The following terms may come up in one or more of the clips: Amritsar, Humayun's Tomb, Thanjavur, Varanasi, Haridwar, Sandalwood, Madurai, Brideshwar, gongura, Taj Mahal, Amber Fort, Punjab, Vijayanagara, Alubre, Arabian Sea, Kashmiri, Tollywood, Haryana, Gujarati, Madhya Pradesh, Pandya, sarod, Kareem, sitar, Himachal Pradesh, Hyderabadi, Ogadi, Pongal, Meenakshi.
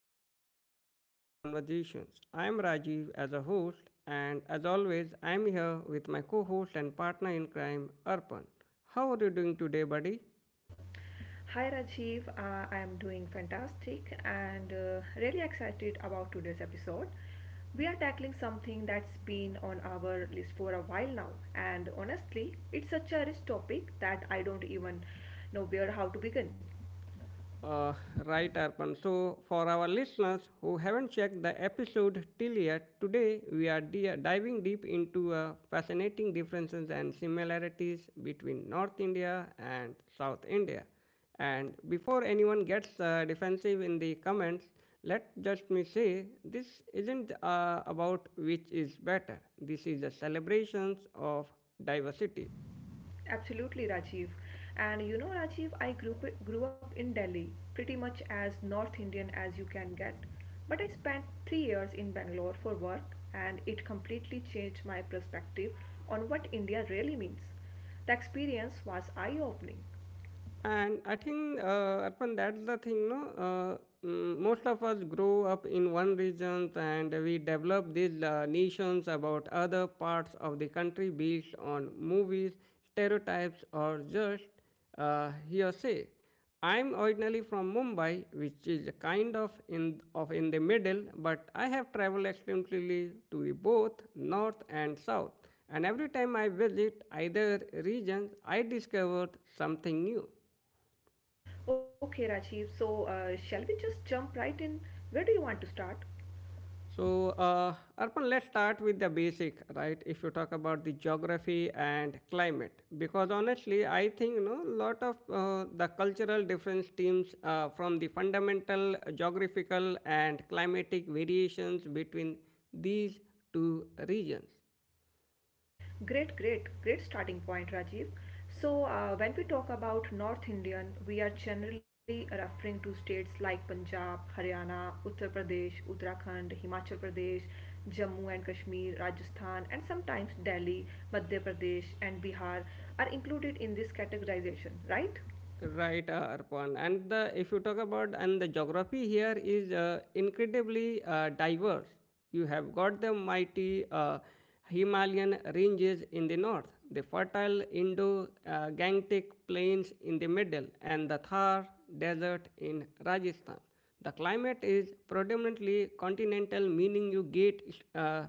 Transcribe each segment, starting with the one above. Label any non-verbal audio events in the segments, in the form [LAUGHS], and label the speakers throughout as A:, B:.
A: Incredible Conversations. I'm Rajiv as a host, and as always, I'm here with my co host and partner in crime, Arpan. How are you doing today, buddy?
B: Hi Rajiv, I am doing fantastic and really excited about today's episode. We are tackling something that's been on our list for a while now, and honestly, it's such a rich topic that I don't even know where how to begin.
A: Uh, right, Arpan. So, for our listeners who haven't checked the episode till yet, today we are diving deep into fascinating differences and similarities between North India and South India. And before anyone gets defensive in the comments, let just me say this isn't about which is better. This is a celebrations of diversity.
B: Absolutely, Rajiv. And you know, Rajiv, grew up in Delhi, pretty much as North Indian as you can get. But I spent 3 years in Bangalore for work, and it completely changed my perspective on what India really means. The experience was eye opening.
A: And I think, Arpan, that's the thing, no? Most of us grow up in one region and we develop these nations about other parts of the country based on movies, stereotypes, or just hearsay. I'm originally from Mumbai, which is a kind of in the middle, but I have traveled extensively to the both north and south. And every time I visit either region, I discovered something new.
B: Okay, Rajiv, so shall we just jump right in? Where do you want to start?
A: So, Arpan, let's start with the basic, right? If you talk about the geography and climate, because honestly, I think you know lot of the cultural difference stems from the fundamental geographical and climatic variations between these two regions.
B: Great, great, great starting point, Rajiv. So, when we talk about North Indian, we are generally referring to states like Punjab, Haryana, Uttar Pradesh, Uttarakhand, Himachal Pradesh, Jammu and Kashmir, Rajasthan, and sometimes Delhi, Madhya Pradesh, and Bihar are included in this categorization, right?
A: Right, Arpan. And the if you talk about and the geography here is incredibly diverse. You have got the mighty Himalayan ranges in the north, the fertile Indo-Gangetic plains in the middle, and the Thar desert in Rajasthan. The climate is predominantly continental, meaning you uh,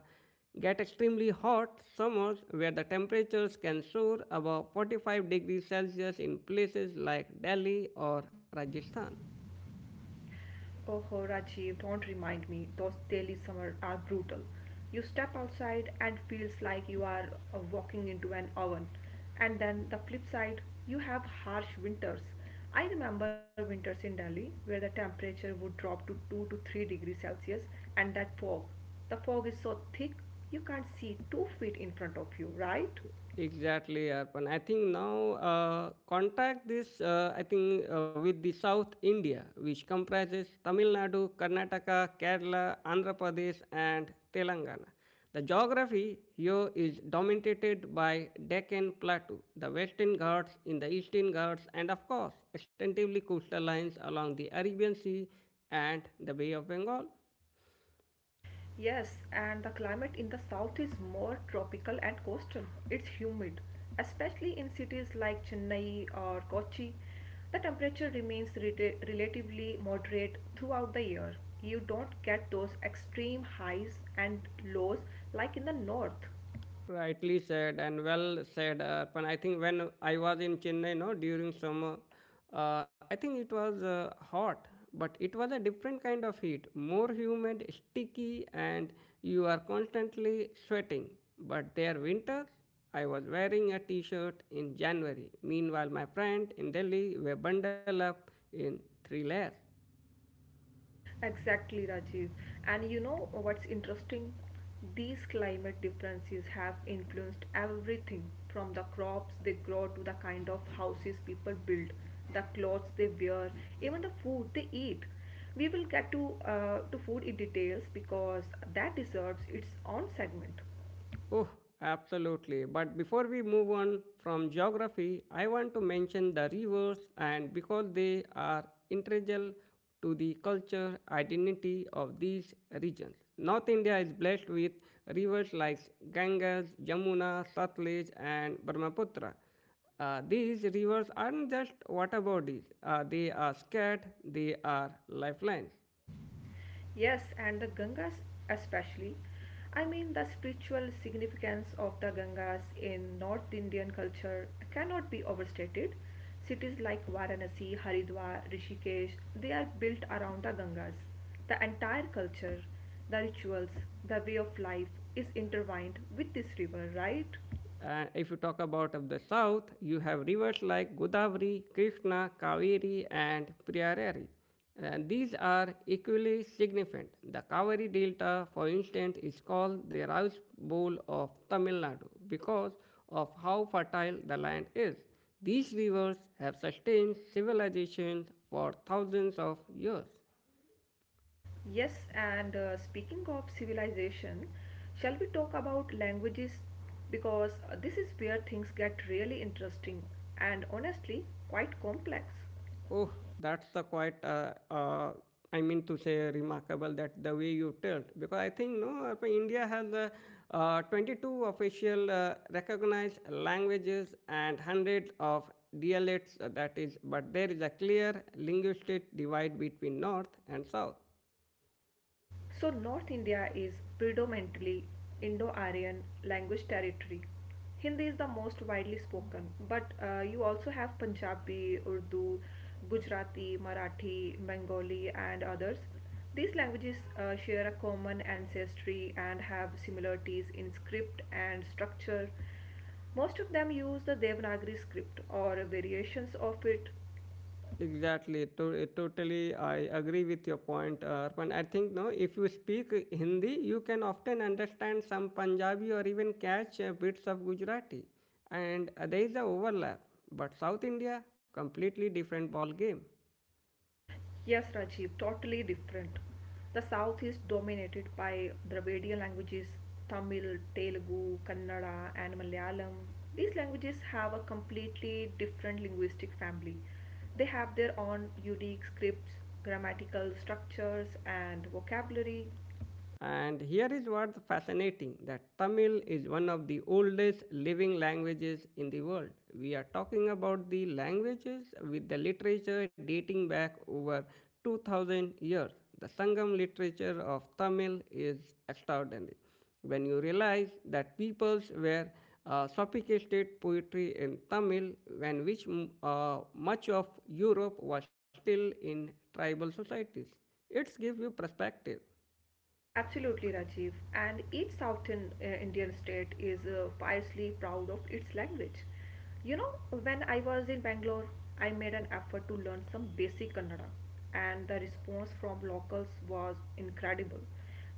A: get extremely hot summers where the temperatures can soar above 45 degrees Celsius in places like Delhi or Rajasthan.
B: Oh, Rajiv, don't remind me. Those Delhi summers are brutal. You step outside and feels like you are walking into an oven. And then the flip side, you have harsh winters. I remember winters in Delhi where the temperature would drop to 2 to 3 degrees Celsius and that fog. The fog is so thick you can't see 2 feet in front of you, right?
A: Exactly, Arpan. I think now contact this, I think, with the South India, which comprises Tamil Nadu, Karnataka, Kerala, Andhra Pradesh, and Telangana. The geography here is dominated by Deccan Plateau, the Western Ghats in the Eastern Ghats, and of course, extensively coastal lines along the Arabian Sea and the Bay of Bengal.
B: Yes, and the climate in the south is more tropical and coastal. It's humid, especially in cities like Chennai or Kochi. The temperature remains relatively moderate throughout the year. You don't get those extreme highs and lows like in the north.
A: Rightly said and well said, Arpan. I think when I was in Chennai, no, during summer, I think it was hot, but it was a different kind of heat, more humid, sticky, and you are constantly sweating. But there, winter, I was wearing a t-shirt in January. Meanwhile, my friend in Delhi were bundled up in three layers.
B: Exactly, Rajiv. And you know what's interesting? These climate differences have influenced everything from the crops they grow to the kind of houses people build, the clothes they wear, even the food they eat. We will get to food in details because that deserves its own segment.
A: Oh, absolutely. But before we move on from geography, I want to mention the rivers, and because they are integral to the culture identity of these regions. North India is blessed with rivers like Ganges, Yamuna, Satluj, and Brahmaputra. These rivers aren't just water bodies, they are scared, they are lifelines.
B: Yes, and the Gangas especially. I mean, the spiritual significance of the Gangas in North Indian culture cannot be overstated. Cities like Varanasi, Haridwar, Rishikesh, they are built around the Gangas. The entire culture, the rituals, the way of life is intertwined with this river, right?
A: And if you talk about of the south, you have rivers like Godavari, Krishna, Kaveri, and Priyarari. And these are equally significant. The Kaveri Delta, for instance, is called the rice bowl of Tamil Nadu because of how fertile the land is. These rivers have sustained civilizations for thousands of years.
B: Yes, and speaking of civilization, shall we talk about languages? Because this is where things get really interesting and honestly quite complex.
A: Oh, that's the quite. I mean to say remarkable that the way you told because I think no, India has 22 official recognized languages and hundreds of dialects. That is, but there is a clear linguistic divide between North and South.
B: So, North India is predominantly Indo Aryan language territory. Hindi is the most widely spoken, but you also have Punjabi, Urdu, Gujarati, Marathi, Bengali, and others. These languages share a common ancestry and have similarities in script and structure. Most of them use the Devanagari script or variations of it.
A: Exactly. Totally, I agree with your point, Arpan. I think no, if you speak Hindi, you can often understand some Punjabi or even catch bits of Gujarati, and there is a overlap. But South India, completely different ball game.
B: Yes, Rajiv, totally different. The south is dominated by Dravidian languages Tamil, Telugu, Kannada, and Malayalam. These languages have a completely different linguistic family. They have their own unique scripts, grammatical structures, and vocabulary.
A: And here is what's fascinating that Tamil is one of the oldest living languages in the world. We are talking about the languages with the literature dating back over 2000 years. The Sangam literature of Tamil is extraordinary. When you realize that peoples were sophisticated poetry in Tamil, when which much of Europe was still in tribal societies, it gives you perspective.
B: Absolutely, Rajiv. And each southern Indian state is fiercely proud of its language. You know, when I was in Bangalore, I made an effort to learn some basic Kannada, and the response from locals was incredible.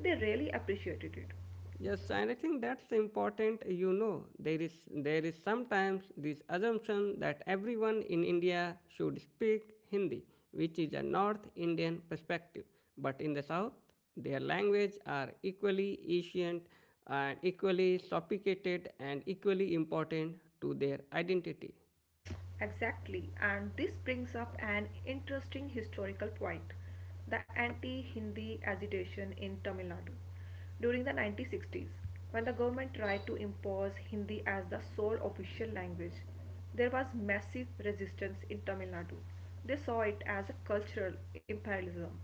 B: They really appreciated it.
A: Yes, and I think that's important. You know, there is sometimes this assumption that everyone in India should speak Hindi, which is a North Indian perspective. But in the South, their language are equally ancient and equally sophisticated and equally important to their identity.
B: Exactly, and this brings up an interesting historical point, the anti Hindi agitation in Tamil Nadu. During the 1960s, when the government tried to impose Hindi as the sole official language, there was massive resistance in Tamil Nadu. They saw it as a cultural imperialism.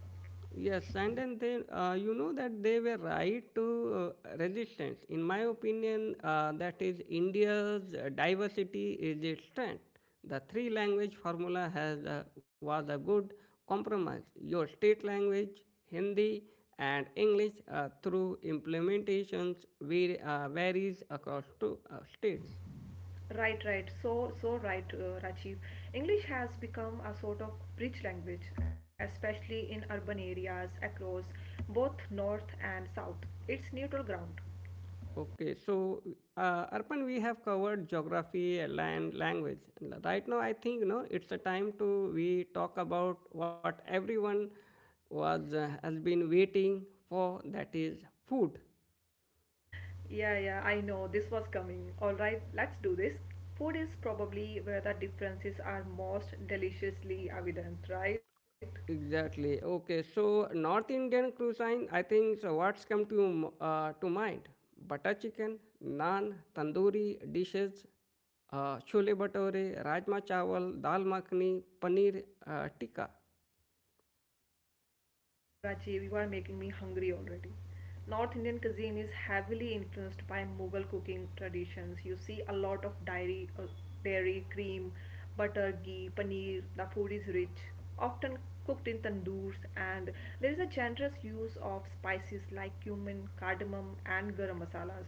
A: Yes, and then they, you know that they were right to resistance. In my opinion, that is India's diversity is its strength. The three language formula has was a good compromise. Your state language, Hindi and English, through implementations, varies across two states.
B: Right, right. So right, Rajiv. English has become a sort of bridge language, especially in urban areas across both north and south. It's neutral ground.
A: Okay, so Arpan, we have covered geography, land, language. Right now, I think you know it's the time to we talk about what everyone was has been waiting for. That is food.
B: Yeah, yeah, I know this was coming. All right, let's do this. Food is probably where the differences are most deliciously evident, right?
A: Exactly. Okay, so North Indian cuisine. I think so. What's come to to mind? Butter chicken, naan, tandoori dishes, chole bhature, rajma chawal, dal makhani, paneer tikka.
B: Oh my god, Rajiv, you are making me hungry already. North Indian cuisine is heavily influenced by Mughal cooking traditions. You see a lot of dairy, cream, butter, ghee, paneer. The food is rich, often cooked in tandoors, and there is a generous use of spices like cumin, cardamom, and garam masalas.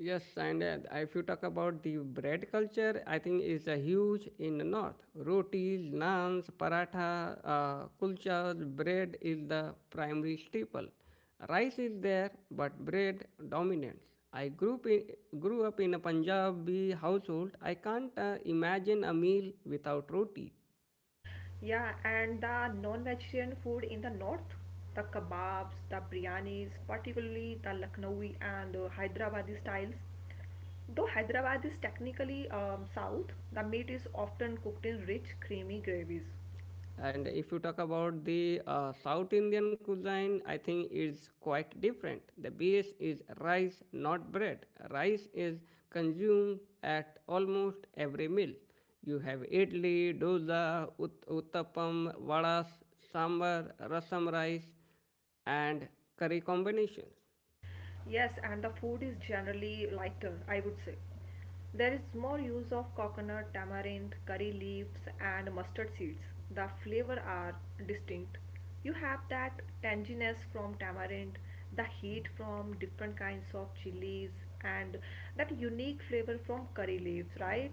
A: Yes, and if you talk about the bread culture, I think it's a huge in the north. Rotis, naans, paratha, kulchas, bread is the primary staple. Rice is there, but bread dominates. I grew up in a Punjabi household. I can't imagine a meal without roti.
B: Yeah, and the non-vegetarian food in the north, the kebabs, the biryanis, particularly the Lucknowi and Hyderabadi styles. Though Hyderabad is technically south, the meat is often cooked in rich, creamy gravies.
A: And if you talk about the South Indian cuisine, I think it's quite different. The base is rice, not bread. Rice is consumed at almost every meal. You have idli, dosa, uttapam, vadas, sambar, rasam rice, and curry combinations.
B: Yes, and the food is generally lighter, I would say. There is more use of coconut, tamarind, curry leaves, and mustard seeds. The flavor are distinct. You have that tanginess from tamarind, the heat from different kinds of chilies, and that unique flavor from curry leaves, right?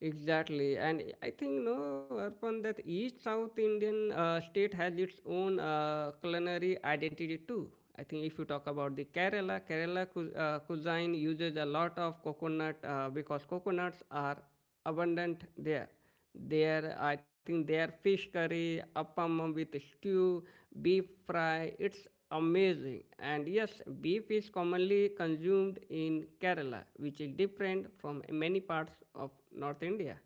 A: Exactly, and I think no, upon that each South Indian state has its own culinary identity too. I think if you talk about the Kerala, Kerala cuisine uses a lot of coconut because coconuts are abundant there. Their, I think their fish curry, appam with stew, beef fry, it's amazing. And yes, beef is commonly consumed in Kerala, which is different from many parts of North India.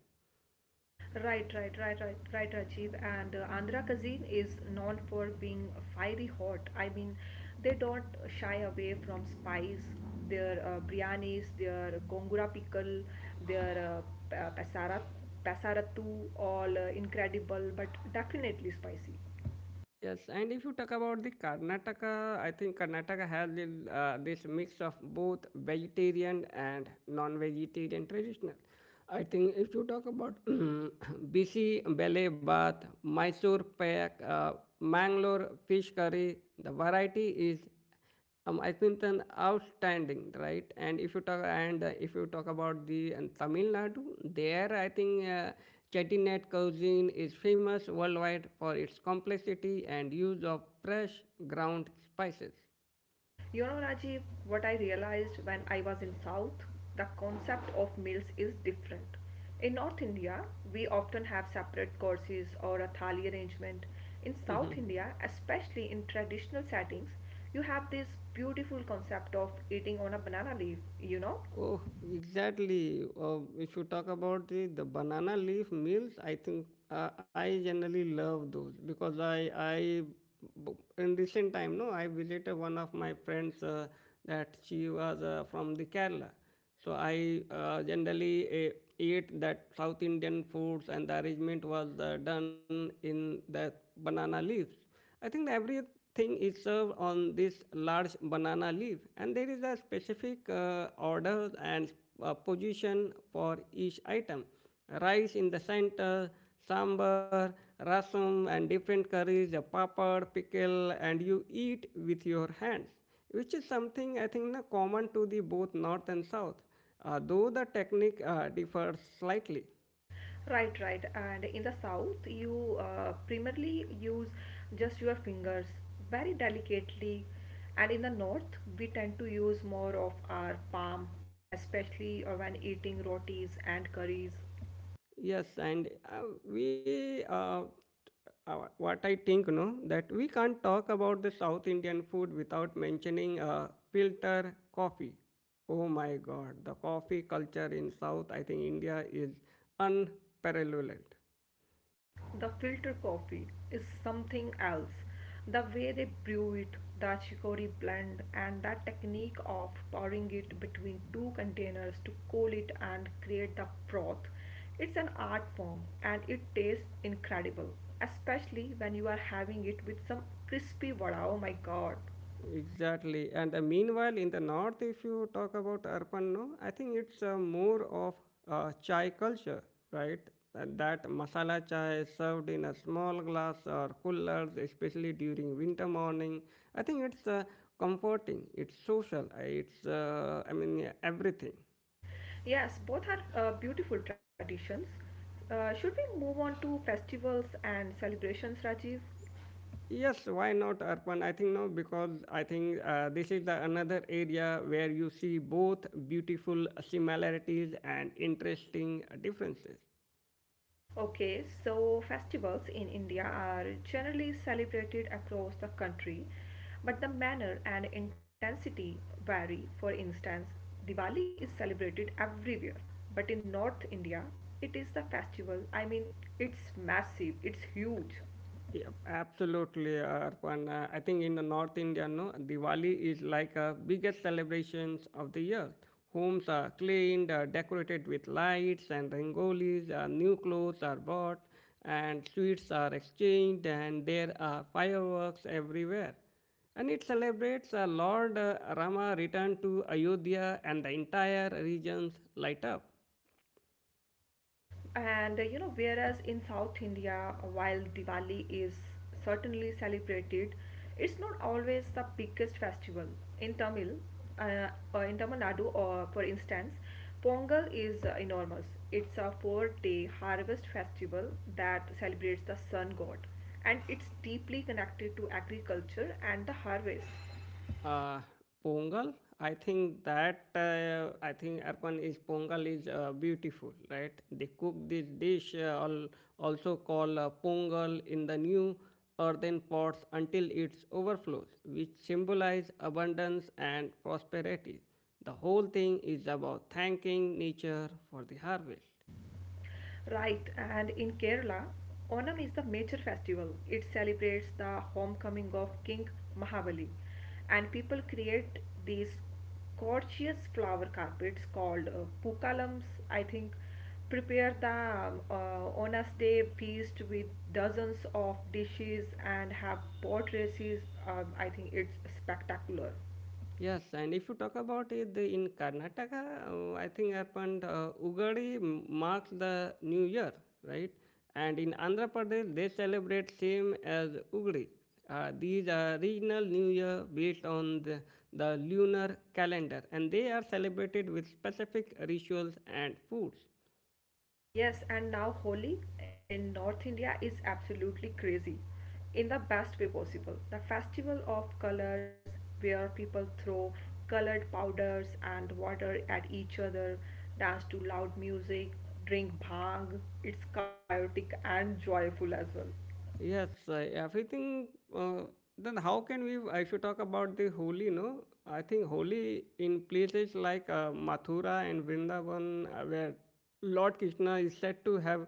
B: Right, right, right, right, right, Rajiv. And Andhra cuisine is known for being fiery hot. I mean, they don't shy away from spice. Their biryanis, their gongura pickle, their uh, pasara, pasarattu, all incredible, but definitely spicy.
A: Yes, and if you talk about the Karnataka, I think Karnataka has the, this mix of both vegetarian and non-vegetarian traditional. I think if you talk about [CLEARS THROAT] Bisi Bele Bath, Mysore Pak, Mangalore fish curry, the variety is I think it's an outstanding, right? And if you talk about the and Tamil Nadu, there I think Chettinad cuisine is famous worldwide for its complexity and use of fresh ground spices.
B: You know, Rajiv, what I realized when I was in South, the concept of meals is different. In North India, we often have separate courses or a thali arrangement. In South
A: [LAUGHS]
B: India, especially in traditional settings, you have this beautiful concept of eating on a banana leaf, you know.
A: Oh, exactly. If you talk about the banana leaf meals, I think I generally love those because b- in recent time no I visited one of my friends that she was from the Kerala so I generally ate that South Indian foods, and the arrangement was done in the banana leaves. I think everything is served on this large banana leaf, and there is a specific order and position for each item. Rice in the center, sambar, rasam, and different curries, a papad, pickle, and you eat with your hands which is something I think na, common to the both north and south, though the technique differs slightly.
B: Right, right. And in the south, you primarily use just your fingers very delicately. And in the north, we tend to use more of our palm, especially when eating rotis and curries.
A: Yes, and we, uh, what I think, you know, that we can't talk about the South Indian food without mentioning filter coffee. Oh my God, the coffee culture in South, I think India is unparalleled.
B: The filter coffee is something else. The way they brew it, the chicory blend, and that technique of pouring it between two containers to cool it and create the froth. It's an art form and it tastes incredible, especially when you are having it with some crispy vada. Oh my god.
A: Exactly. And meanwhile, in the north, if you talk about urban, no, I think it's more of chai culture, right? And that masala chai is served in a small glass or coolers, especially during winter morning. I think it's comforting. It's social. It's I mean yeah, everything.
B: Yes, both are beautiful traditions. Should we move on to festivals and celebrations, Rajiv?
A: Yes, why not urban? I think no, because I think this is the another area where you see both beautiful similarities and interesting differences.
B: Okay, so festivals in India are generally celebrated across the country, but the manner and intensity vary. For instance, Diwali is celebrated everywhere, but in North India, it is the festival. I mean, it's massive, it's huge.
A: Yep, absolutely, Arpan. I think in the North India, no, Diwali is like a biggest celebrations of the year. Homes are cleaned, decorated with lights and rangolis, new clothes are bought, and sweets are exchanged, and there are fireworks everywhere. And it celebrates Lord Rama return to Ayodhya and the entire regions light up.
B: And you know, whereas in South India, while Diwali is certainly celebrated, it's not always the biggest festival. In Tamil, uh, in Tamil Nadu, for instance, Pongal is enormous. It's a four-day harvest festival that celebrates the sun god, and it's deeply connected to agriculture and the harvest.
A: Uh, Pongal, I think that I think Arpan is Pongal is beautiful, right? They cook this dish also called Pongal in the new earthen pots until it overflows, which symbolize abundance and prosperity. The whole thing is about thanking nature for the harvest.
B: Right, and in Kerala, Onam is the major festival. It celebrates the homecoming of King Mahabali, and people create these gorgeous flower carpets called pukalams. I think prepare the Onas Day feast with dozens of dishes and have boat races. I think it's spectacular.
A: Yes, and if you talk about it the, in Karnataka, I think happened Ugadi marks the new year, right? And in Andhra Pradesh, they celebrate same as Ugadi. These are regional new year based on the lunar calendar, and they are celebrated with specific rituals and foods.
B: Yes, and now Holi in North India is absolutely crazy in the best way possible. The festival of colors, where people throw colored powders and water at each other, dance to loud music, drink bhang. It's chaotic and joyful as well.
A: Yes, I, everything. Uh, then how can we? I should talk about the Holi, no? I think Holi in places like Mathura and Vrindavan, where Lord Krishna is said to have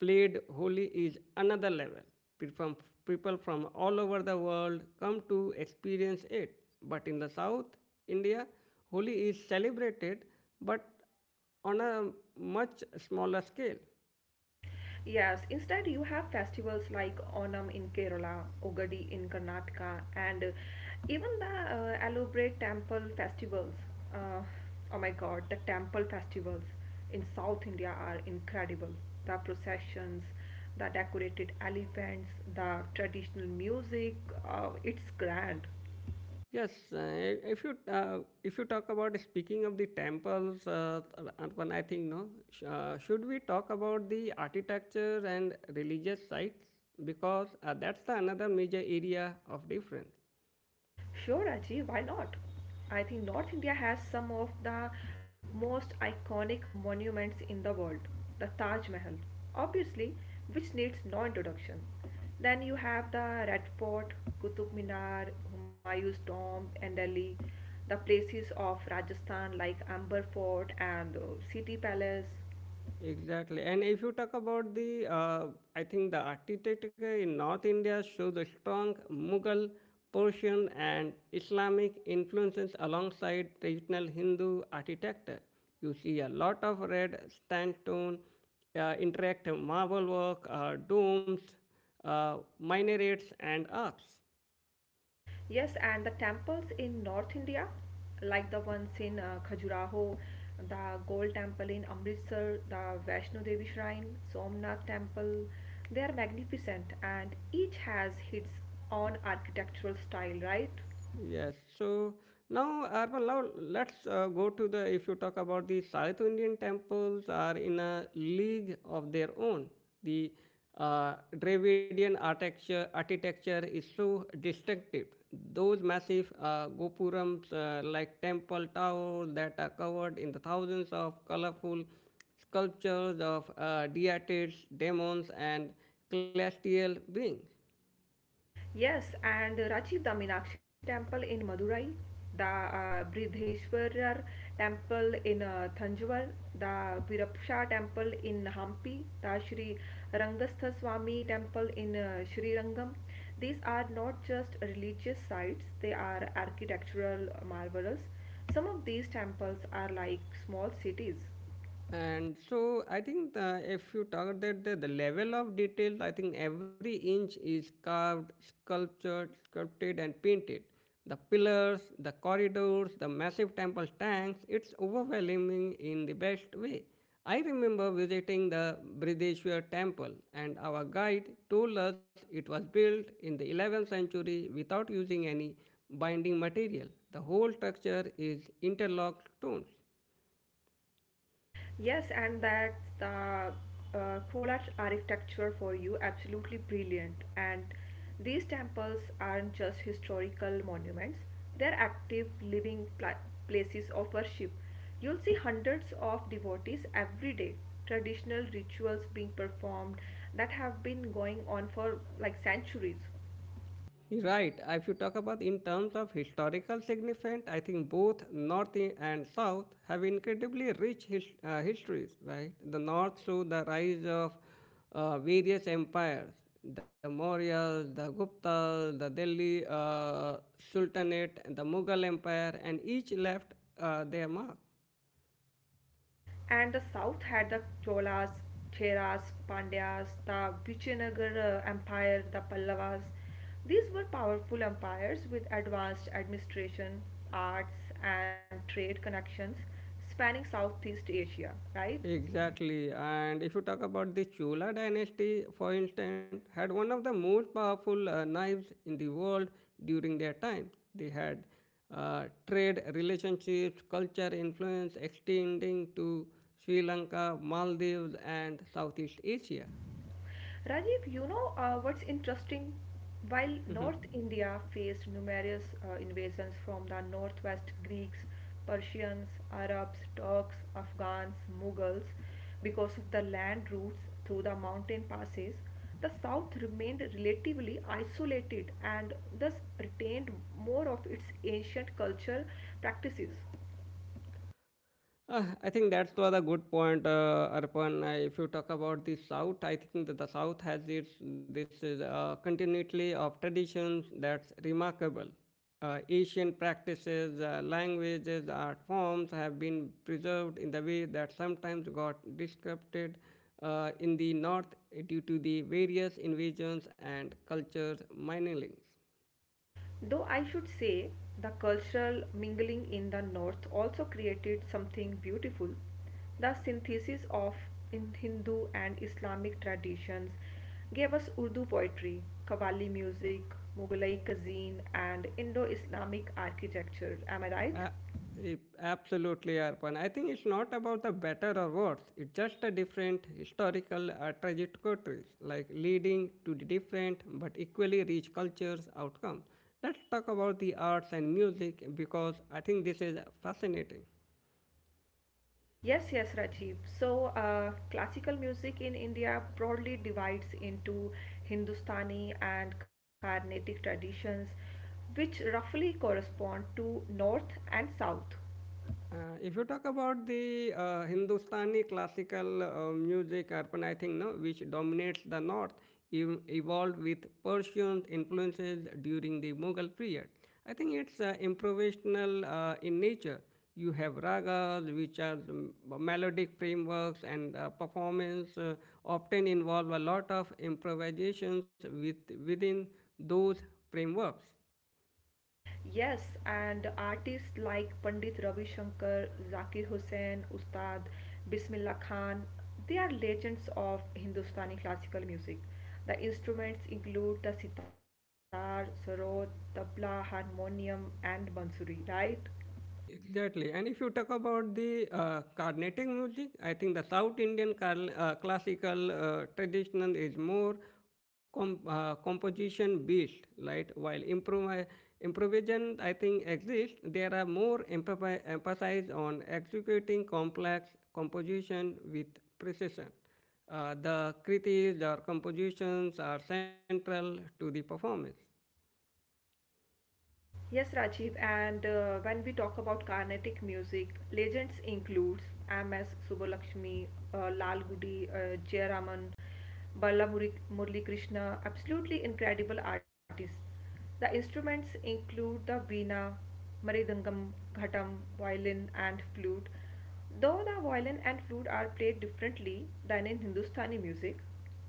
A: played Holi, is another level. People from, People from all over the world come to experience it. But in the South India, Holi is celebrated, but on a much smaller scale.
B: Yes, instead you have festivals like Onam in Kerala, Ogadi in Karnataka, and even the Alubre temple festivals. Uh, oh my God, the temple festivals in South India are incredible. The processions, the decorated elephants, the traditional music, it's grand.
A: Yes, if you talk about speaking of the temples, Arpan, I think no. Should we talk about the architecture and religious sites because that's the another major area of difference.
B: Sure, Aji, why not? I think North India has some of the most iconic monuments in the world. The Taj Mahal, obviously, which needs no introduction. Then you have the Red Fort, Qutub Minar, Humayun's Tomb, and Delhi. The places of Rajasthan like Amber Fort and City Palace.
A: Exactly. And if you talk about I think the architecture in North India shows the strong Mughal, Persian, and Islamic influences alongside traditional Hindu architecture. You see a lot of red sandstone, interactive marble work, domes, minarets, and arcs.
B: Yes, and the temples in North India, like the ones in Khajuraho, the Gold Temple in Amritsar, the Vaishno Devi Shrine, Somnath Temple, they are magnificent and each has its own architectural style, right?
A: Yes. So now, Arman, now let's go to the, if you talk about the South Indian temples are in a league of their own. The Dravidian architecture is so distinctive. Those massive gopurams, like temple towers that are covered in the thousands of colorful sculptures of deities, demons, and celestial beings.
B: Yes, and Rajiv, the Meenakshi temple in Madurai, the Bridheshwarar temple in Thanjavur, the Virapsha temple in Hampi, the Sri Rangastha Swami temple in Sri Rangam. These are not just religious sites, they are architectural marvels. Some of these temples are like small cities.
A: And so I think if you talk about the level of detail, I think every inch is carved, sculptured, sculpted, and painted. The pillars, the corridors, the massive temple tanks, it's overwhelming in the best way. I remember visiting the Brideshwar temple, and our guide told us it was built in the 11th century without using any binding material. The whole structure is interlocked stones.
B: Yes, and that's the collage architecture for you, absolutely brilliant. And these temples aren't just historical monuments, they're active, living places of worship. You'll see hundreds of devotees every day, traditional rituals being performed that have been going on for like centuries.
A: Right. If you talk about in terms of historical significance, I think both North and South have incredibly rich histories. Right. The North saw the rise of various empires, the Mauryas, the Guptas, the Delhi Sultanate, and the Mughal Empire, and each left their mark.
B: And the south had the Cholas, Cheras, Pandyas, the Vijayanagara Empire, the Pallavas. These were powerful empires with advanced administration, arts, and trade connections spanning Southeast Asia, right?
A: Exactly. And if you talk about the Chola dynasty, for instance, had one of the most powerful knives in the world during their time. They had trade relationships, culture influence extending to Sri Lanka, Maldives, and Southeast Asia.
B: Rajiv, you know what's interesting? While
A: [LAUGHS]
B: North India faced numerous invasions from the northwest Greeks, Persians, Arabs, Turks, Afghans, Mughals, because of the land routes through the mountain passes, the south remained relatively isolated and thus retained more of its ancient culture practices.
A: I think that was a good point, Arpan. If you talk about the South, I think that the South has its this is continuity of traditions that's remarkable. Asian practices, languages, art forms have been preserved in the way that sometimes got disrupted in the North due to the various invasions and cultures miningling.
B: Though I should say the cultural mingling in the north also created something beautiful, the synthesis of in Hindu and Islamic traditions gave us Urdu poetry, Qawwali music, Mughlai cuisine, and Indo Islamic architecture. Am I right?
A: A- Absolutely, Arpan. I think it's not about the better or worse. It's just a different historical trajectories, like leading to the different but equally rich cultures outcome. Let's talk about the arts and music because I think this is fascinating.
B: Yes, yes, Rajiv. So, classical music in India broadly divides into Hindustani and Carnatic traditions, which roughly correspond to North and South.
A: If you talk about the Hindustani classical music, urban, I think, no, which dominates the North, evolved with Persian influences during the Mughal period. I think it's improvisational in nature. You have ragas, which are the melodic frameworks, and performance often involve a lot of improvisations within those frameworks.
B: Yes, and artists like Pandit Ravi Shankar, Zakir Hussain, Ustad, Bismillah Khan, they are legends of Hindustani classical music. The instruments include the sitar, sarod, tabla, harmonium, and bansuri, right?
A: Exactly. And if you talk about the Carnatic music, I think the South Indian classical traditional is more composition based, right? While improvisation, I think, exists, there are more emphasis emphasized on executing complex composition with precision. The critiques or compositions are central to the performance.
B: Yes, Rajiv, and when we talk about Carnatic music, legends includes M.S. Subbulakshmi, Lal Gudi, Jayaraman, Murali Krishna, absolutely incredible artists. The instruments include the veena, maridangam, ghatam, violin, and flute. Though the violin and flute are played differently than in Hindustani music.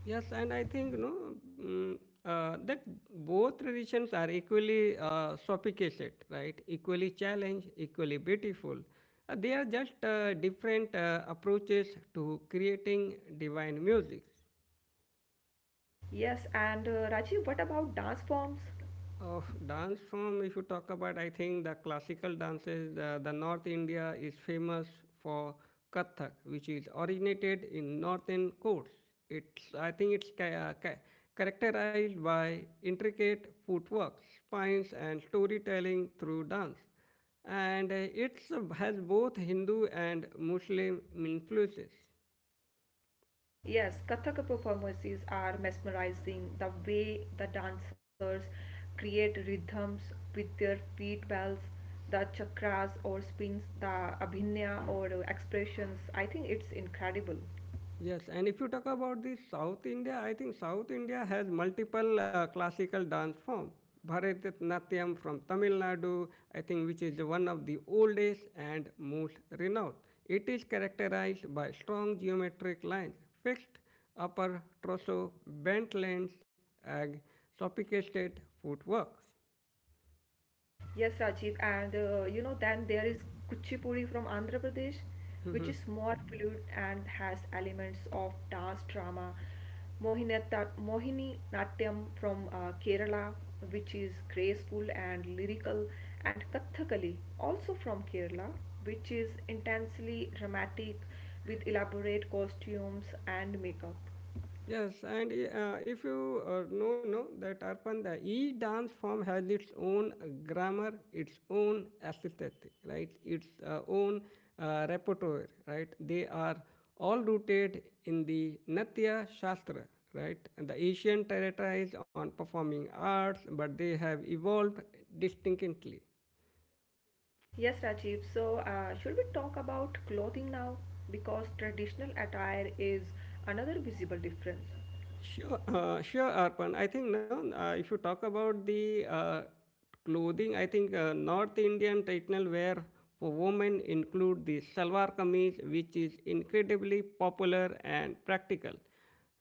A: Yes, and I think no mm, that both traditions are equally sophisticated, right? Equally challenged, equally beautiful. They are just different approaches to creating divine music.
B: Yes, and Rajiv, what about dance forms?
A: Of dance form, if you talk about, I think the classical dances, the North India is famous for Kathak, which is originated in northern courts. I think it's characterized by intricate footwork, spines, and storytelling through dance. And it has both Hindu and Muslim influences.
B: Yes, Kathak performances are mesmerizing. The way the dancers create rhythms with their feet bells, the chakras or spins, the abhinaya or expressions, I think it's incredible.
A: Yes, and if you talk about the South India, I think South India has multiple classical dance form. Bharatanatyam from Tamil Nadu, I think, which is one of the oldest and most renowned. It is characterized by strong geometric lines, fixed upper torso, bent lengths, and sophisticated footwork.
B: Yes, Rajiv, and then there is Kuchipudi from Andhra Pradesh, which
A: [LAUGHS]
B: is more fluid and has elements of dance drama. Mohini Natyam from Kerala, which is graceful and lyrical, and Kathakali, also from Kerala, which is intensely dramatic with elaborate costumes and makeup.
A: Yes, and if you know that Arpan, the each dance form has its own grammar, its own aesthetic, right? Its own repertoire, right? They are all rooted in the Natya Shastra, right? And the Asian territories on performing arts, but they have evolved distinctly.
B: Yes, Rajiv. So, should we talk about clothing now? Because traditional attire is another visible difference.
A: Sure, Arpan. I think no. If you talk about the clothing, I think North Indian traditional wear for women include the salwar kameez, which is incredibly popular and practical.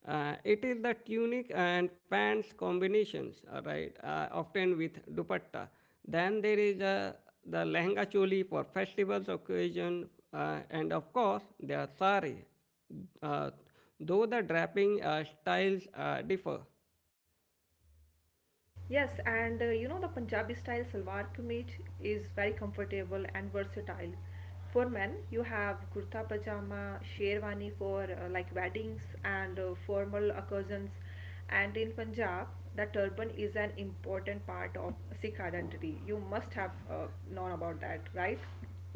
A: It is the tunic and pants combinations, all right, often with dupatta. Then there is the lehenga choli for festivals, occasion, and of course, the sari uh, though the draping styles differ.
B: Yes, and you know the Punjabi style salwar kameez is very comfortable and versatile. For men, you have kurta pajama, sherwani for like weddings and formal occasions. And in Punjab, the turban is an important part of Sikh identity. You must have known about that, right?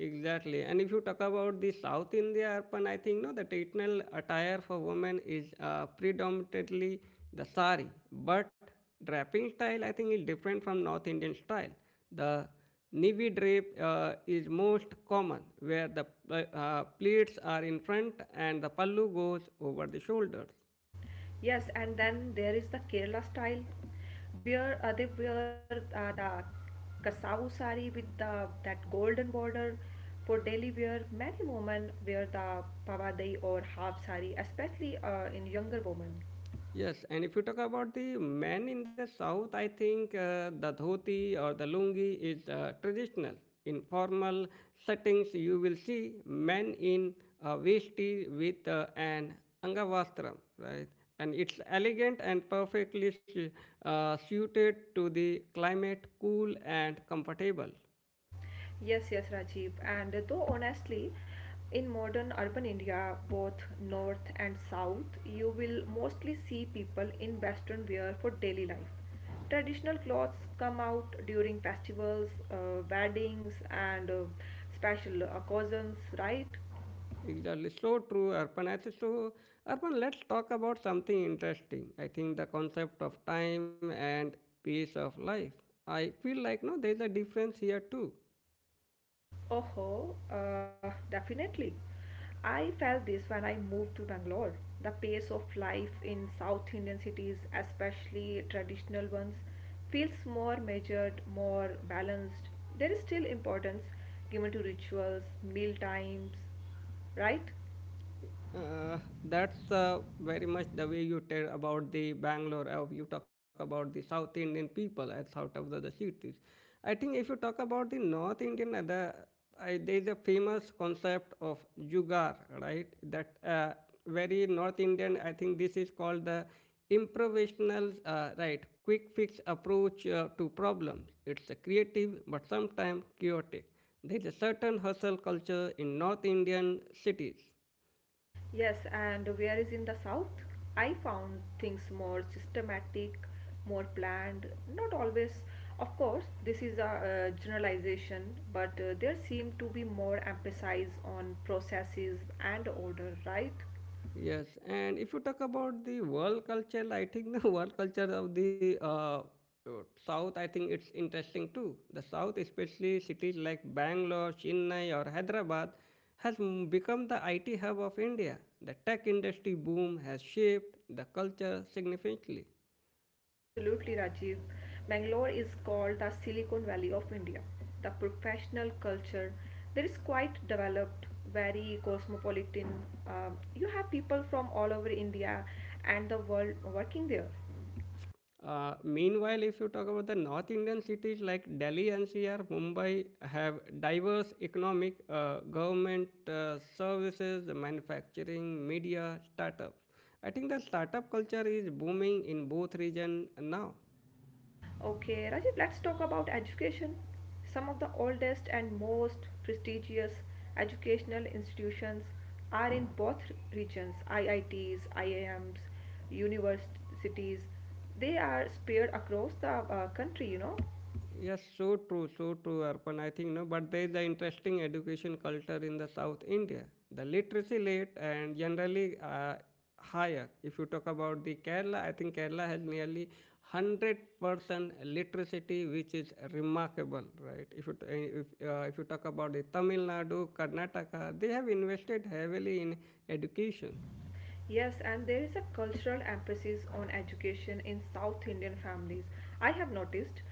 A: Exactly, and if you talk about the south india urban I think no the traditional attire for women is predominantly the sari but draping style I think is different from north indian style the navy drape is most common where the uh, pleats are in front and the pallu goes over the shoulders.
B: Yes, and then there is the Kerala style, where they wear the kasavu sari with the that golden border. For daily wear, many women wear the pavadai or half sari, especially in younger women.
A: Yes, and if you talk about the men in the south, I think the dhoti or the lungi is traditional. In formal settings, you will see men in vesti with an angavastram, right? And it's elegant and perfectly suited to the climate, cool and comfortable.
B: Yes, yes, Rajiv. And though honestly, in modern urban India, both north and south, you will mostly see people in Western wear for daily life. Traditional clothes come out during festivals, weddings, and special occasions, right?
A: Exactly. So true, Arpan. I think so, Arpan, let's talk about something interesting. I think the concept of time and pace of life. I feel like no, there is a difference here too.
B: Oh, definitely. I felt this when I moved to Bangalore. The pace of life in South Indian cities, especially traditional ones, feels more measured, more balanced. There is still importance given to rituals, meal times, right?
A: Uh, that's very much the way you tell about the Bangalore, how you talk about the South Indian people as out of the cities. I think if you talk about the North Indian, there is a famous concept of jugar, right? That very North Indian, I think this is called the improvisational, right, quick fix approach to problems. It's a creative but sometimes chaotic. There is a certain hustle culture in North Indian cities.
B: Yes, and whereas in the south, I found things more systematic, more planned, not always. Of course, this is a generalization, but there seemed to be more emphasis on processes and order, right?
A: Yes, and if you talk about the world culture, I think the [LAUGHS] world culture of the uh, South, I think it's interesting too. The South, especially cities like Bangalore, Chennai, or Hyderabad, has become the IT hub of India. The tech industry boom has shaped the culture significantly.
B: Absolutely, Rajiv. Bangalore is called the Silicon Valley of India. The professional culture there is quite developed, very cosmopolitan. You have people from all over India and the world working there.
A: Meanwhile, if you talk about the North Indian cities like Delhi, NCR, Mumbai have diverse economic, government services, manufacturing, media, startups. I think the startup culture is booming in both regions now.
B: Okay, Rajiv, let's talk about education. Some of the oldest and most prestigious educational institutions are in both regions IITs, IIMs, universities. They are spread across the country, you know.
A: Yes, so true, Arpan. I think no, but there is an interesting education culture in the South India. The literacy rate and generally higher. If you talk about the Kerala, I think Kerala has nearly 100% literacy, which is remarkable, right? If you talk about the Tamil Nadu, Karnataka, they have invested heavily in education.
B: Yes, and there is a cultural emphasis on education in South Indian families. I have noticed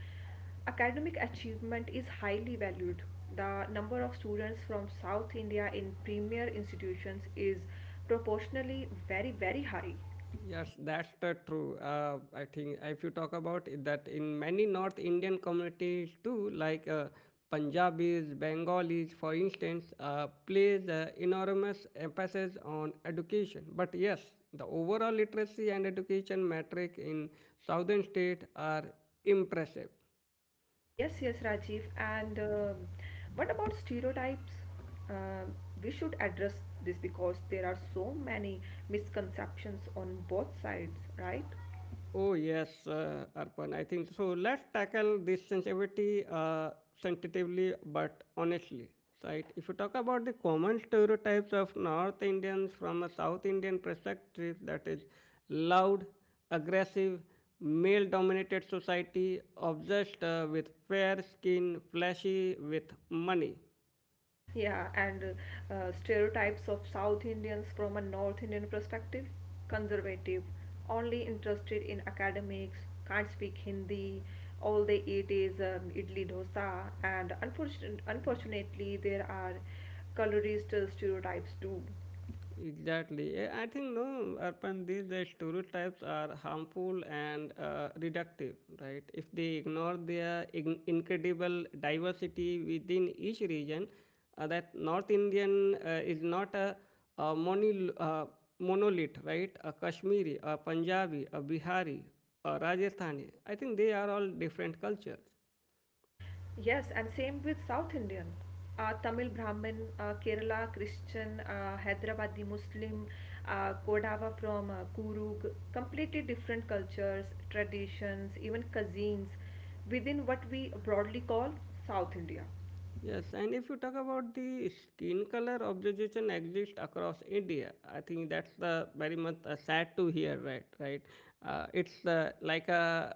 B: academic achievement is highly valued. The number of students from South India in premier institutions is proportionally very, very high.
A: Yes, that's the true. I think if you talk about it, that in many North Indian communities too, like Punjabis, Bengalis, for instance, plays enormous emphasis on education. But yes, the overall literacy and education metric in southern states are impressive.
B: Yes, yes, Rajiv. And what about stereotypes? Uh, we should address this because there are so many misconceptions on both sides, right?
A: Oh, yes, Arpan, I think so. Let's tackle this sensitivity sensitively but honestly. Right? If you talk about the common stereotypes of North Indians from a South Indian perspective, that is loud, aggressive, male dominated society, obsessed with fair skin, flashy with money.
B: Yeah, and stereotypes of South Indians from a North Indian perspective conservative, only interested in academics, can't speak Hindi, all they eat is idli dosa, and unfortunately, there are colorist stereotypes too.
A: Exactly. Eh, I think no, urban these the stereotypes are harmful and reductive, right? If they ignore their incredible diversity within each region, that North Indian is not a monolith, right? A Kashmiri, a Punjabi, a Bihari, a Rajasthani. I think they are all different cultures.
B: Yes, and same with South Indian. Tamil Brahmin, Kerala Christian, Hyderabadi Muslim, Kodava from Kurug, completely different cultures, traditions, even cuisines within what we broadly call South India.
A: Yes, and if you talk about the skin color observation exists across India, I think that's the very much sad to hear, right? Right? It's like a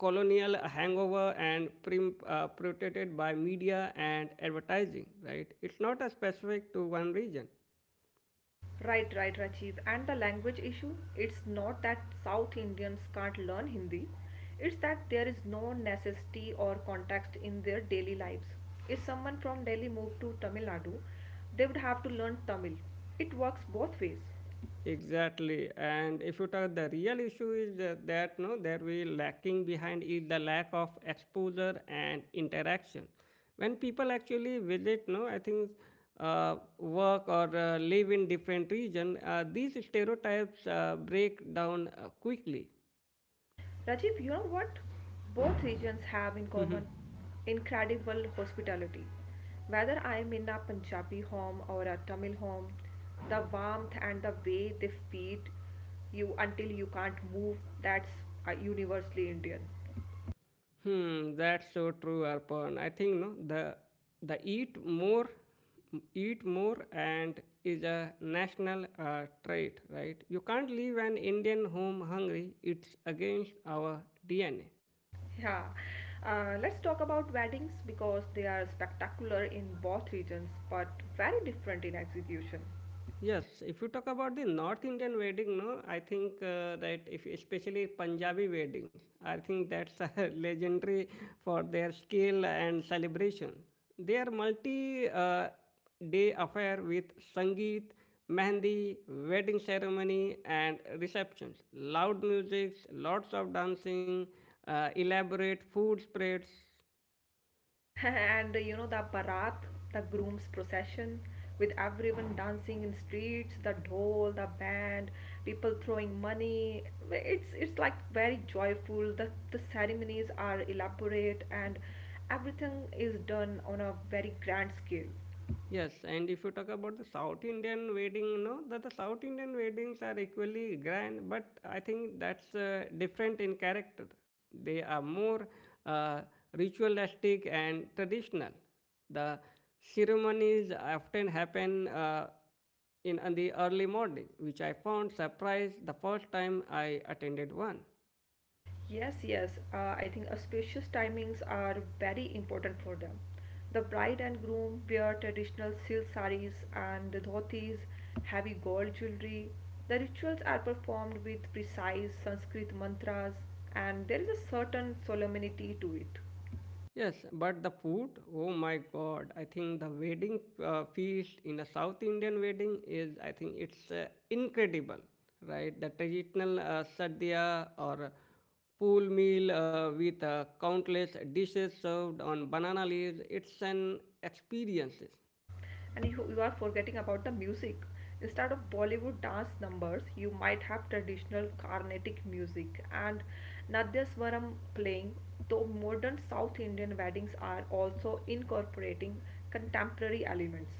A: colonial hangover and protected by media and advertising, right? It's not a specific to one region.
B: Right, right, Rajiv. And the language issue, it's not that South Indians can't learn Hindi, it's that there is no necessity or context in their daily lives. If someone from Delhi moved to Tamil Nadu, they would have to learn Tamil. It works both ways.
A: Exactly, and if you talk, the real issue is that no, that we lacking behind is the lack of exposure and interaction. When people actually visit, no, I think work or live in different region, these stereotypes break down quickly.
B: Rajiv, you know what? Both regions have in common
A: [LAUGHS]
B: incredible hospitality. Whether I am in a Punjabi home or a Tamil home, the warmth and the way they feed you until you can't move, that's universally Indian.
A: Hmm, that's so true, Arpan. I think no, the eat more, and is a national trait, right? You can't leave an Indian home hungry. It's against our DNA.
B: Yeah. Let's talk about weddings because they are spectacular in both regions but very different in execution.
A: Yes, if you talk about the North Indian wedding, no, I think that if especially Punjabi weddings, I think that's [LAUGHS] legendary for their skill and celebration. Their multi-day affair with sangeet, mehndi, wedding ceremony, and receptions, loud music, lots of dancing, elaborate food spreads.
B: [LAUGHS] And you know the barat, the groom's procession with everyone dancing in streets, the dhol, the band, people throwing money, it's like very joyful. The ceremonies are elaborate and everything is done on a very grand scale.
A: Yes, and if you talk about the South Indian wedding, no, that the South Indian weddings are equally grand, but I think that's different in character. They are more uh, ritualistic and traditional. The ceremonies often happen in the early morning, which I found surprised the first time I attended one.
B: Yes, yes. I think auspicious timings are very important for them. The bride and groom wear traditional silk saris and dhotis, heavy gold jewelry. The rituals are performed with precise Sanskrit mantras, and there is a certain solemnity to it.
A: Yes, but the food, oh my God, I think the wedding feast in a South Indian wedding is, I think it's incredible, right? The traditional sadhya or pool meal with countless dishes served on banana leaves, it's an experience.
B: And you are forgetting about the music. Instead of Bollywood dance numbers, you might have traditional Carnatic music and Nadyaswaram playing, though modern South Indian weddings are also incorporating contemporary elements.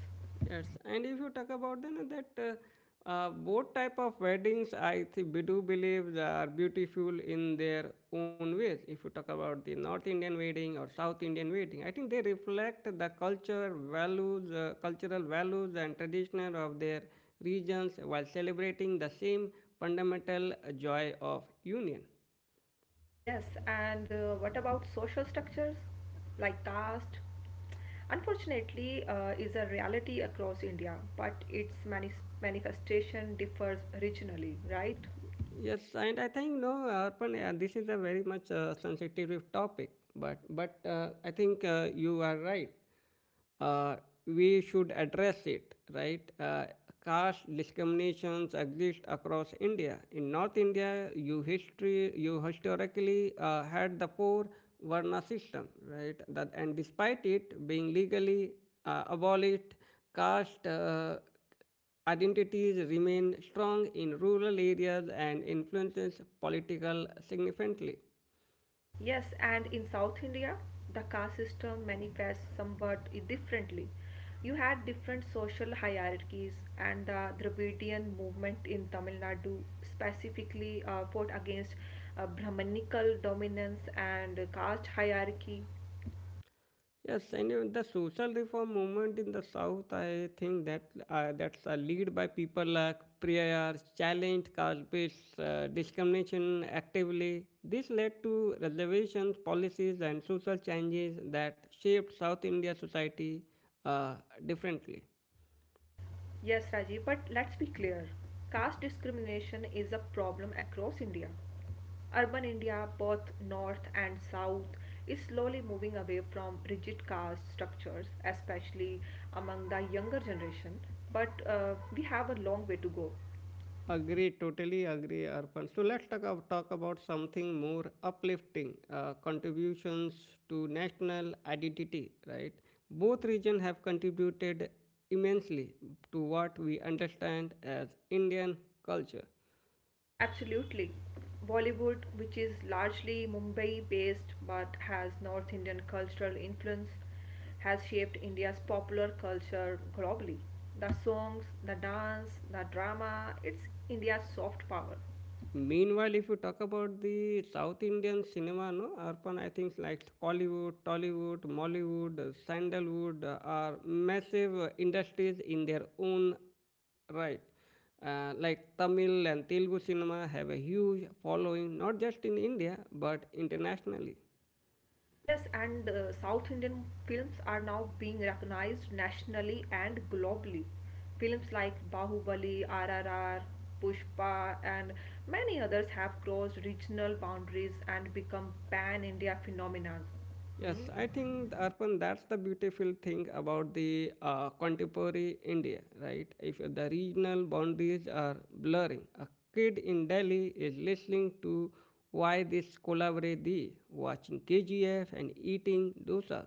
A: Yes, and if you talk about then that both type of weddings, I think we do believe they are beautiful in their own ways. If you talk about the North Indian wedding or South Indian wedding, I think they reflect the culture, values, cultural values and traditional of their regions while celebrating the same fundamental joy of union.
B: Yes, and what about social structures like caste? Unfortunately, is a reality across India, but its manifestation differs regionally, right?
A: Yes, and I think no, Arpan. This is a very much sensitive topic, but I think you are right. Uh, we should address it, right? Caste discriminations exist across India. In North India, you historically had the poor Varna system, right? That and despite it being legally abolished, caste. Identities remain strong in rural areas and influences political significantly.
B: Yes, and in South India, the caste system manifests somewhat differently. You had different social hierarchies, and the Dravidian movement in Tamil Nadu specifically fought against Brahmanical dominance and caste hierarchy.
A: Yes, and the social reform movement in the south, I think that that's led by people like prayers, challenged caste-based discrimination actively. This led to reservations, policies, and social changes that shaped South India society uh, differently.
B: Yes, Rajiv, but let's be clear. Caste discrimination is a problem across India. Urban India, both north and south, is slowly moving away from rigid caste structures, especially among the younger generation. But we have a long way to go.
A: Agree, totally agree, Arpan. So let's talk about something more uplifting contributions to national identity, right? Both regions have contributed immensely to what we understand as Indian culture.
B: Absolutely. Bollywood, which is largely Mumbai based but has North Indian cultural influence, has shaped India's popular culture globally. The songs, the dance, the drama, it's India's soft power.
A: Meanwhile, if you talk about the South Indian cinema, no, urban, I think like Collywood, Tollywood, Mollywood, Sandalwood are massive industries in their own right. Like Tamil and Telugu cinema have a huge following, not just in India but internationally.
B: Yes, and South Indian films are now being recognized nationally and globally. Films like Bahubali, RRR, Pushpa, and many others have crossed regional boundaries and become pan India phenomena.
A: Yes, I think Arpan, that's the beautiful thing about the contemporary India, right? If the regional boundaries are blurring, a kid in Delhi is listening to why this collaborate watching KGF and eating dosas.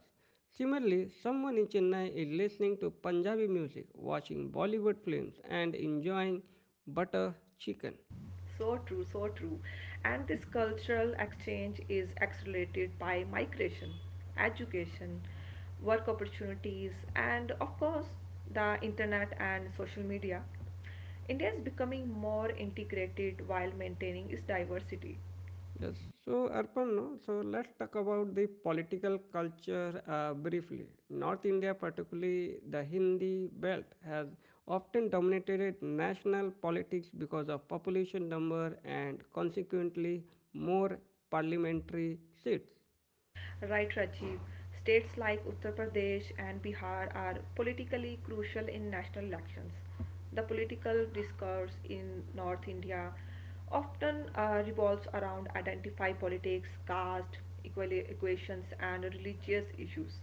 A: Similarly, someone in Chennai is listening to Punjabi music, watching Bollywood films, and enjoying butter chicken.
B: So true, so true. And this cultural exchange is accelerated by migration, education, work opportunities, and of course, the internet and social media. India is becoming more integrated while maintaining its diversity.
A: Yes, so Arpan, no, so let's talk about the political culture briefly. North India, particularly the Hindi belt, has often dominated national politics because of population number and consequently more parliamentary seats.
B: Right, Rajiv. States like Uttar Pradesh and Bihar are politically crucial in national elections. The political discourse in North India often revolves around identity politics, caste equations, and religious issues.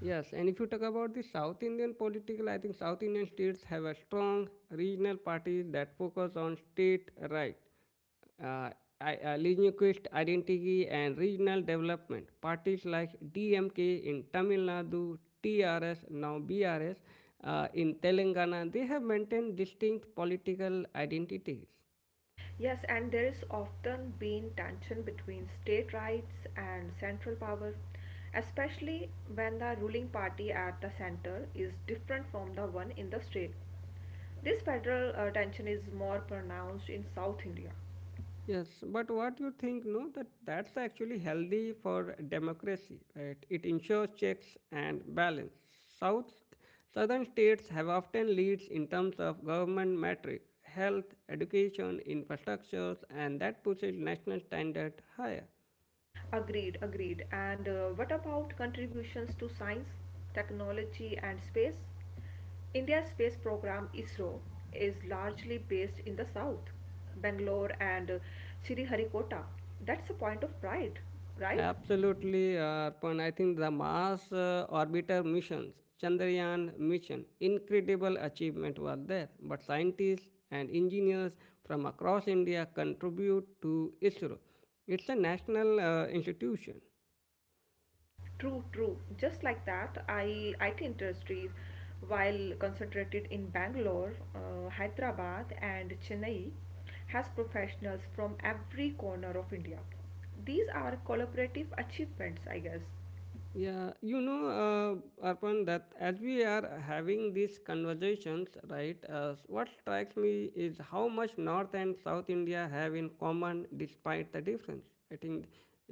A: Yes, and if you talk about the South Indian political, I think South Indian states have a strong regional parties that focus on state right, uh, linguistic identity, and regional development. Parties like DMK in Tamil Nadu, TRS, now BRS in Telangana, they have maintained distinct political identities.
B: Yes, and there is often been tension between state rights and central power, especially when the ruling party at the center is different from the one in the state. This federal tension is more pronounced in South India.
A: Yes, but what you think? No, that's actually healthy for democracy, right? It ensures checks and balance. South Southern states have often leads in terms of government metric, health, education, infrastructures, and that pushes national standard higher.
B: Agreed, agreed. And what about contributions to science, technology, and space? India's space program ISRO is largely based in the south, Bangalore and Sriharikota. That's a point of pride, right?
A: Absolutely, Arpan. I think the Mars orbiter missions, Chandrayaan mission, incredible achievement was there. But scientists and engineers from across India contribute to ISRO. It's a national institution.
B: True, true. Just like that, I IT industries, while concentrated in Bangalore, Hyderabad, and Chennai, has professionals from every corner of India. These are collaborative achievements, I guess.
A: Yeah, Arpan, that as we are having these conversations, right, what strikes me is how much North and South India have in common despite the difference. I think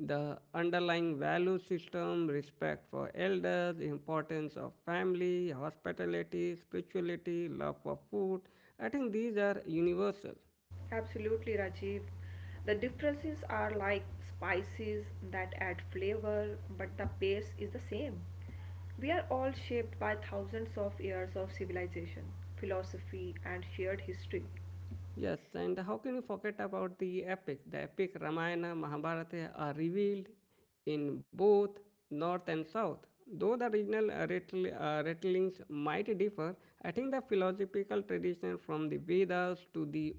A: the underlying value system, respect for elders, importance of family, hospitality, spirituality, love for food, I think these are universal.
B: Absolutely, Rajiv. The differences are like spices that add flavor, but the base is the same. We are all shaped by thousands of years of civilization, philosophy, and shared history.
A: Yes, and how can you forget about the epics? The epic Ramayana, Mahabharata are revealed in both north and south. Though the regional rattlings might differ, I think the philosophical tradition from the Vedas to the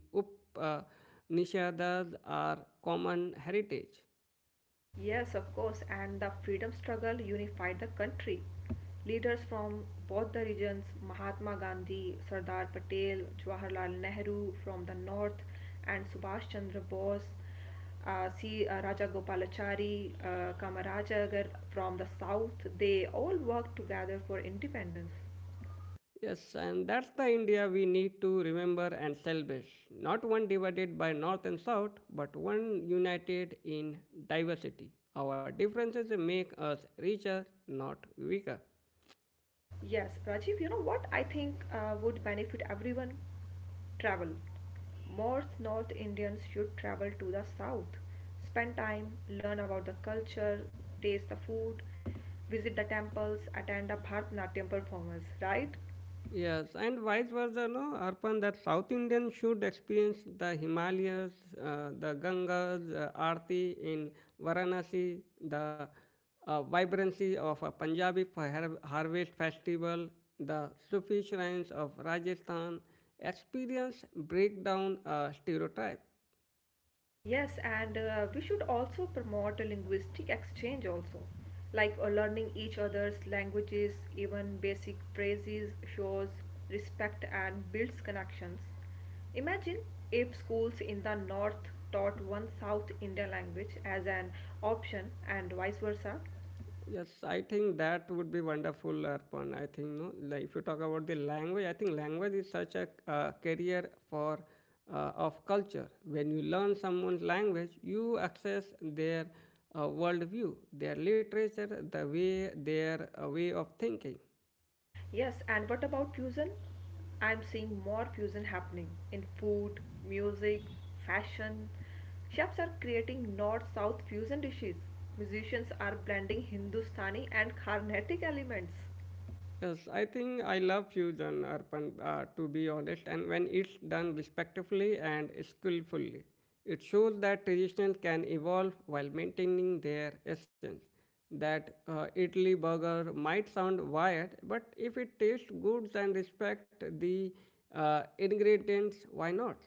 A: Upanishads are common heritage.
B: Yes, of course, and the freedom struggle unified the country. Leaders from both the regions, Mahatma Gandhi, Sardar Patel, Jawaharlal Nehru from the north, and Subhash Chandra Bose, C. Raja Gopalachari, Kamarajagar from the south, they all worked together for independence.
A: Yes, and that's the India we need to remember and celebrate. Not one divided by North and South, but one united in diversity. Our differences make us richer, not weaker.
B: Yes, Rajiv, you know what I think would benefit everyone? Travel. More North Indians should travel to the south, spend time, learn about the culture, taste the food, visit the temples, attend the Bharatanatyam performance, right?
A: Yes, and vice versa, no? Arpan, that South Indians should experience the Himalayas, the Gangas, Aarti in Varanasi, the vibrancy of a harvest festival, the Sufi shrines of Rajasthan, experience breakdown stereotype.
B: Yes, and we should also promote a linguistic exchange also, like learning each other's languages, even basic phrases shows respect and builds connections. Imagine if schools in the north taught one South Indian language as an option and vice versa.
A: Yes, I think that would be wonderful, Arpan. I think no, like if you talk about the language, I think language is such a career for of culture. When you learn someone's language, you access their worldview, their literature, the way their way of thinking.
B: Yes, and what about fusion? I'm seeing more fusion happening in food, music, fashion. Chefs are creating north south fusion dishes. Musicians are blending Hindustani and Carnatic elements.
A: Yes, I think I love fusion urban to be honest, and when it's done respectfully and skillfully, it shows that traditions can evolve while maintaining their essence. That Italy burger might sound wired, but if it tastes good and respect the ingredients, why not?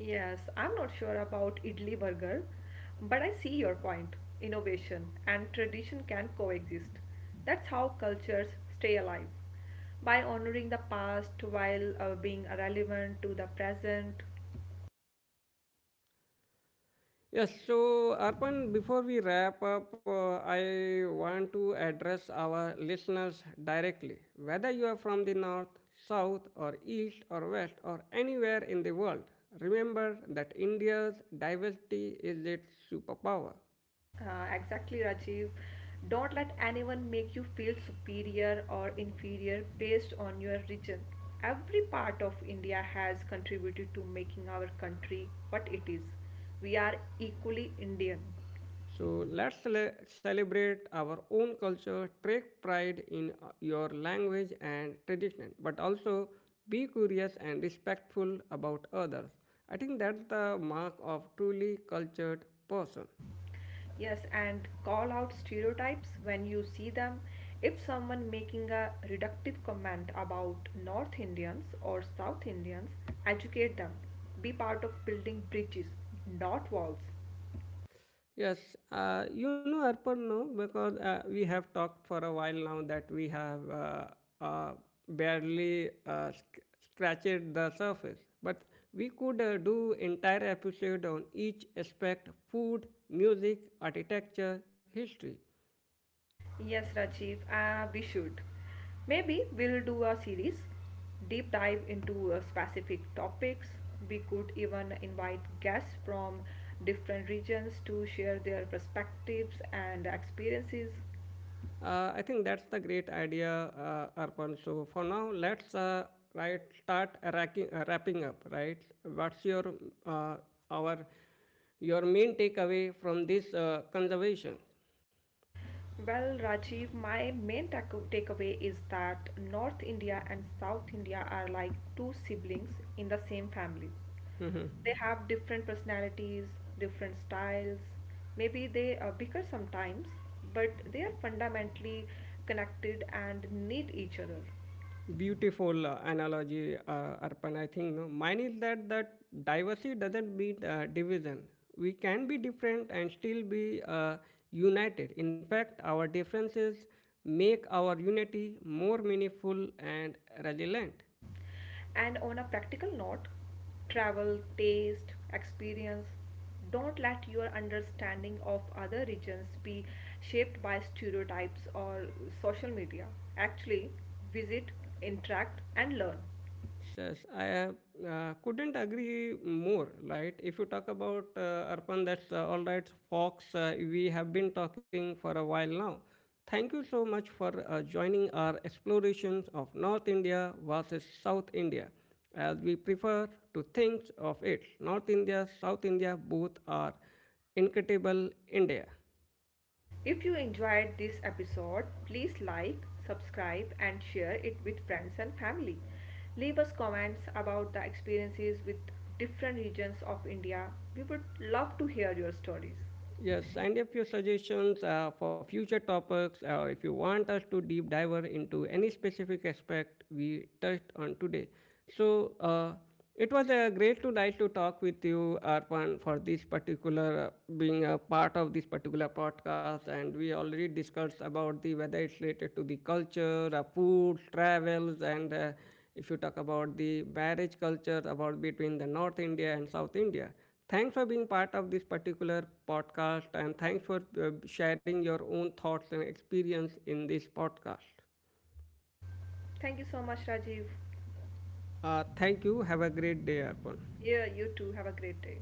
B: Yes, I'm not sure about idli burger, but I see your point. Innovation and tradition can coexist. That's how cultures stay alive by honoring the past while being relevant to the present.
A: Yes, so Arpan, before we wrap up, I want to address our listeners directly. Whether you are from the north, south, or east, or west, or anywhere in the world, remember that India's diversity is its superpower.
B: Exactly, Rajiv. Don't let anyone make you feel superior or inferior based on your region. Every part of India has contributed to making our country what it is. We are equally Indian.
A: So let's celebrate our own culture, take pride in your language and tradition, but also be curious and respectful about others. I think that's the mark of truly cultured person.
B: Yes, and call out stereotypes when you see them. If someone making a reductive comment about North Indians or South Indians, educate them. Be part of building bridges, not walls.
A: Yes, you know Arpan, no, because we have talked for a while now that we have uh, barely scratched the surface. But we could do entire episode on each aspect: food, music, architecture, history.
B: Yes, Rajiv, we should. Maybe we'll do a series, deep dive into specific topics. We could even invite guests from different regions to share their perspectives and experiences.
A: I think that's the great idea, Arpan. So for now, let's wrapping up. Right, what's uh, our your main takeaway from this conservation?
B: Well, Rajiv, my takeaway is that North India and South India are like two siblings in the same family. They have different personalities, different styles. Maybe they bicker sometimes, but they are fundamentally connected and need each other.
A: Beautiful analogy, Arpan. I think no. Mine is that diversity doesn't mean division. We can be different and still be united. In fact, our differences make our unity more meaningful and resilient.
B: And on a practical note, travel, taste, experience, don't let your understanding of other regions be shaped by stereotypes or social media. Actually, visit, interact, and learn.
A: Yes, I couldn't agree more. Right? If you talk about Arpan, that's all right, Fox. We have been talking for a while now. Thank you so much for joining our explorations of North India versus South India, as we prefer to think of it. North India, South India, both are incredible India.
B: If you enjoyed this episode, please like, subscribe, and share it with friends and family. Leave us comments about the experiences with different regions of India. We would love to hear your stories.
A: Yes, and if your suggestions for future topics or if you want us to deep dive into any specific aspect we touched on today. So, uh, it was great tonight to talk with you, Arpan, for this particular being a part of this particular podcast. And we already discussed about the whether it's related to the culture, food, travels, and if you talk about the marriage culture about between the north india and south india, thanks for being part of this particular podcast, and thanks for sharing your own thoughts and experience in this podcast.
B: Thank you so much, Rajiv.
A: Thank you, have a great day, arpan.
B: Yeah, you too. Have a great day.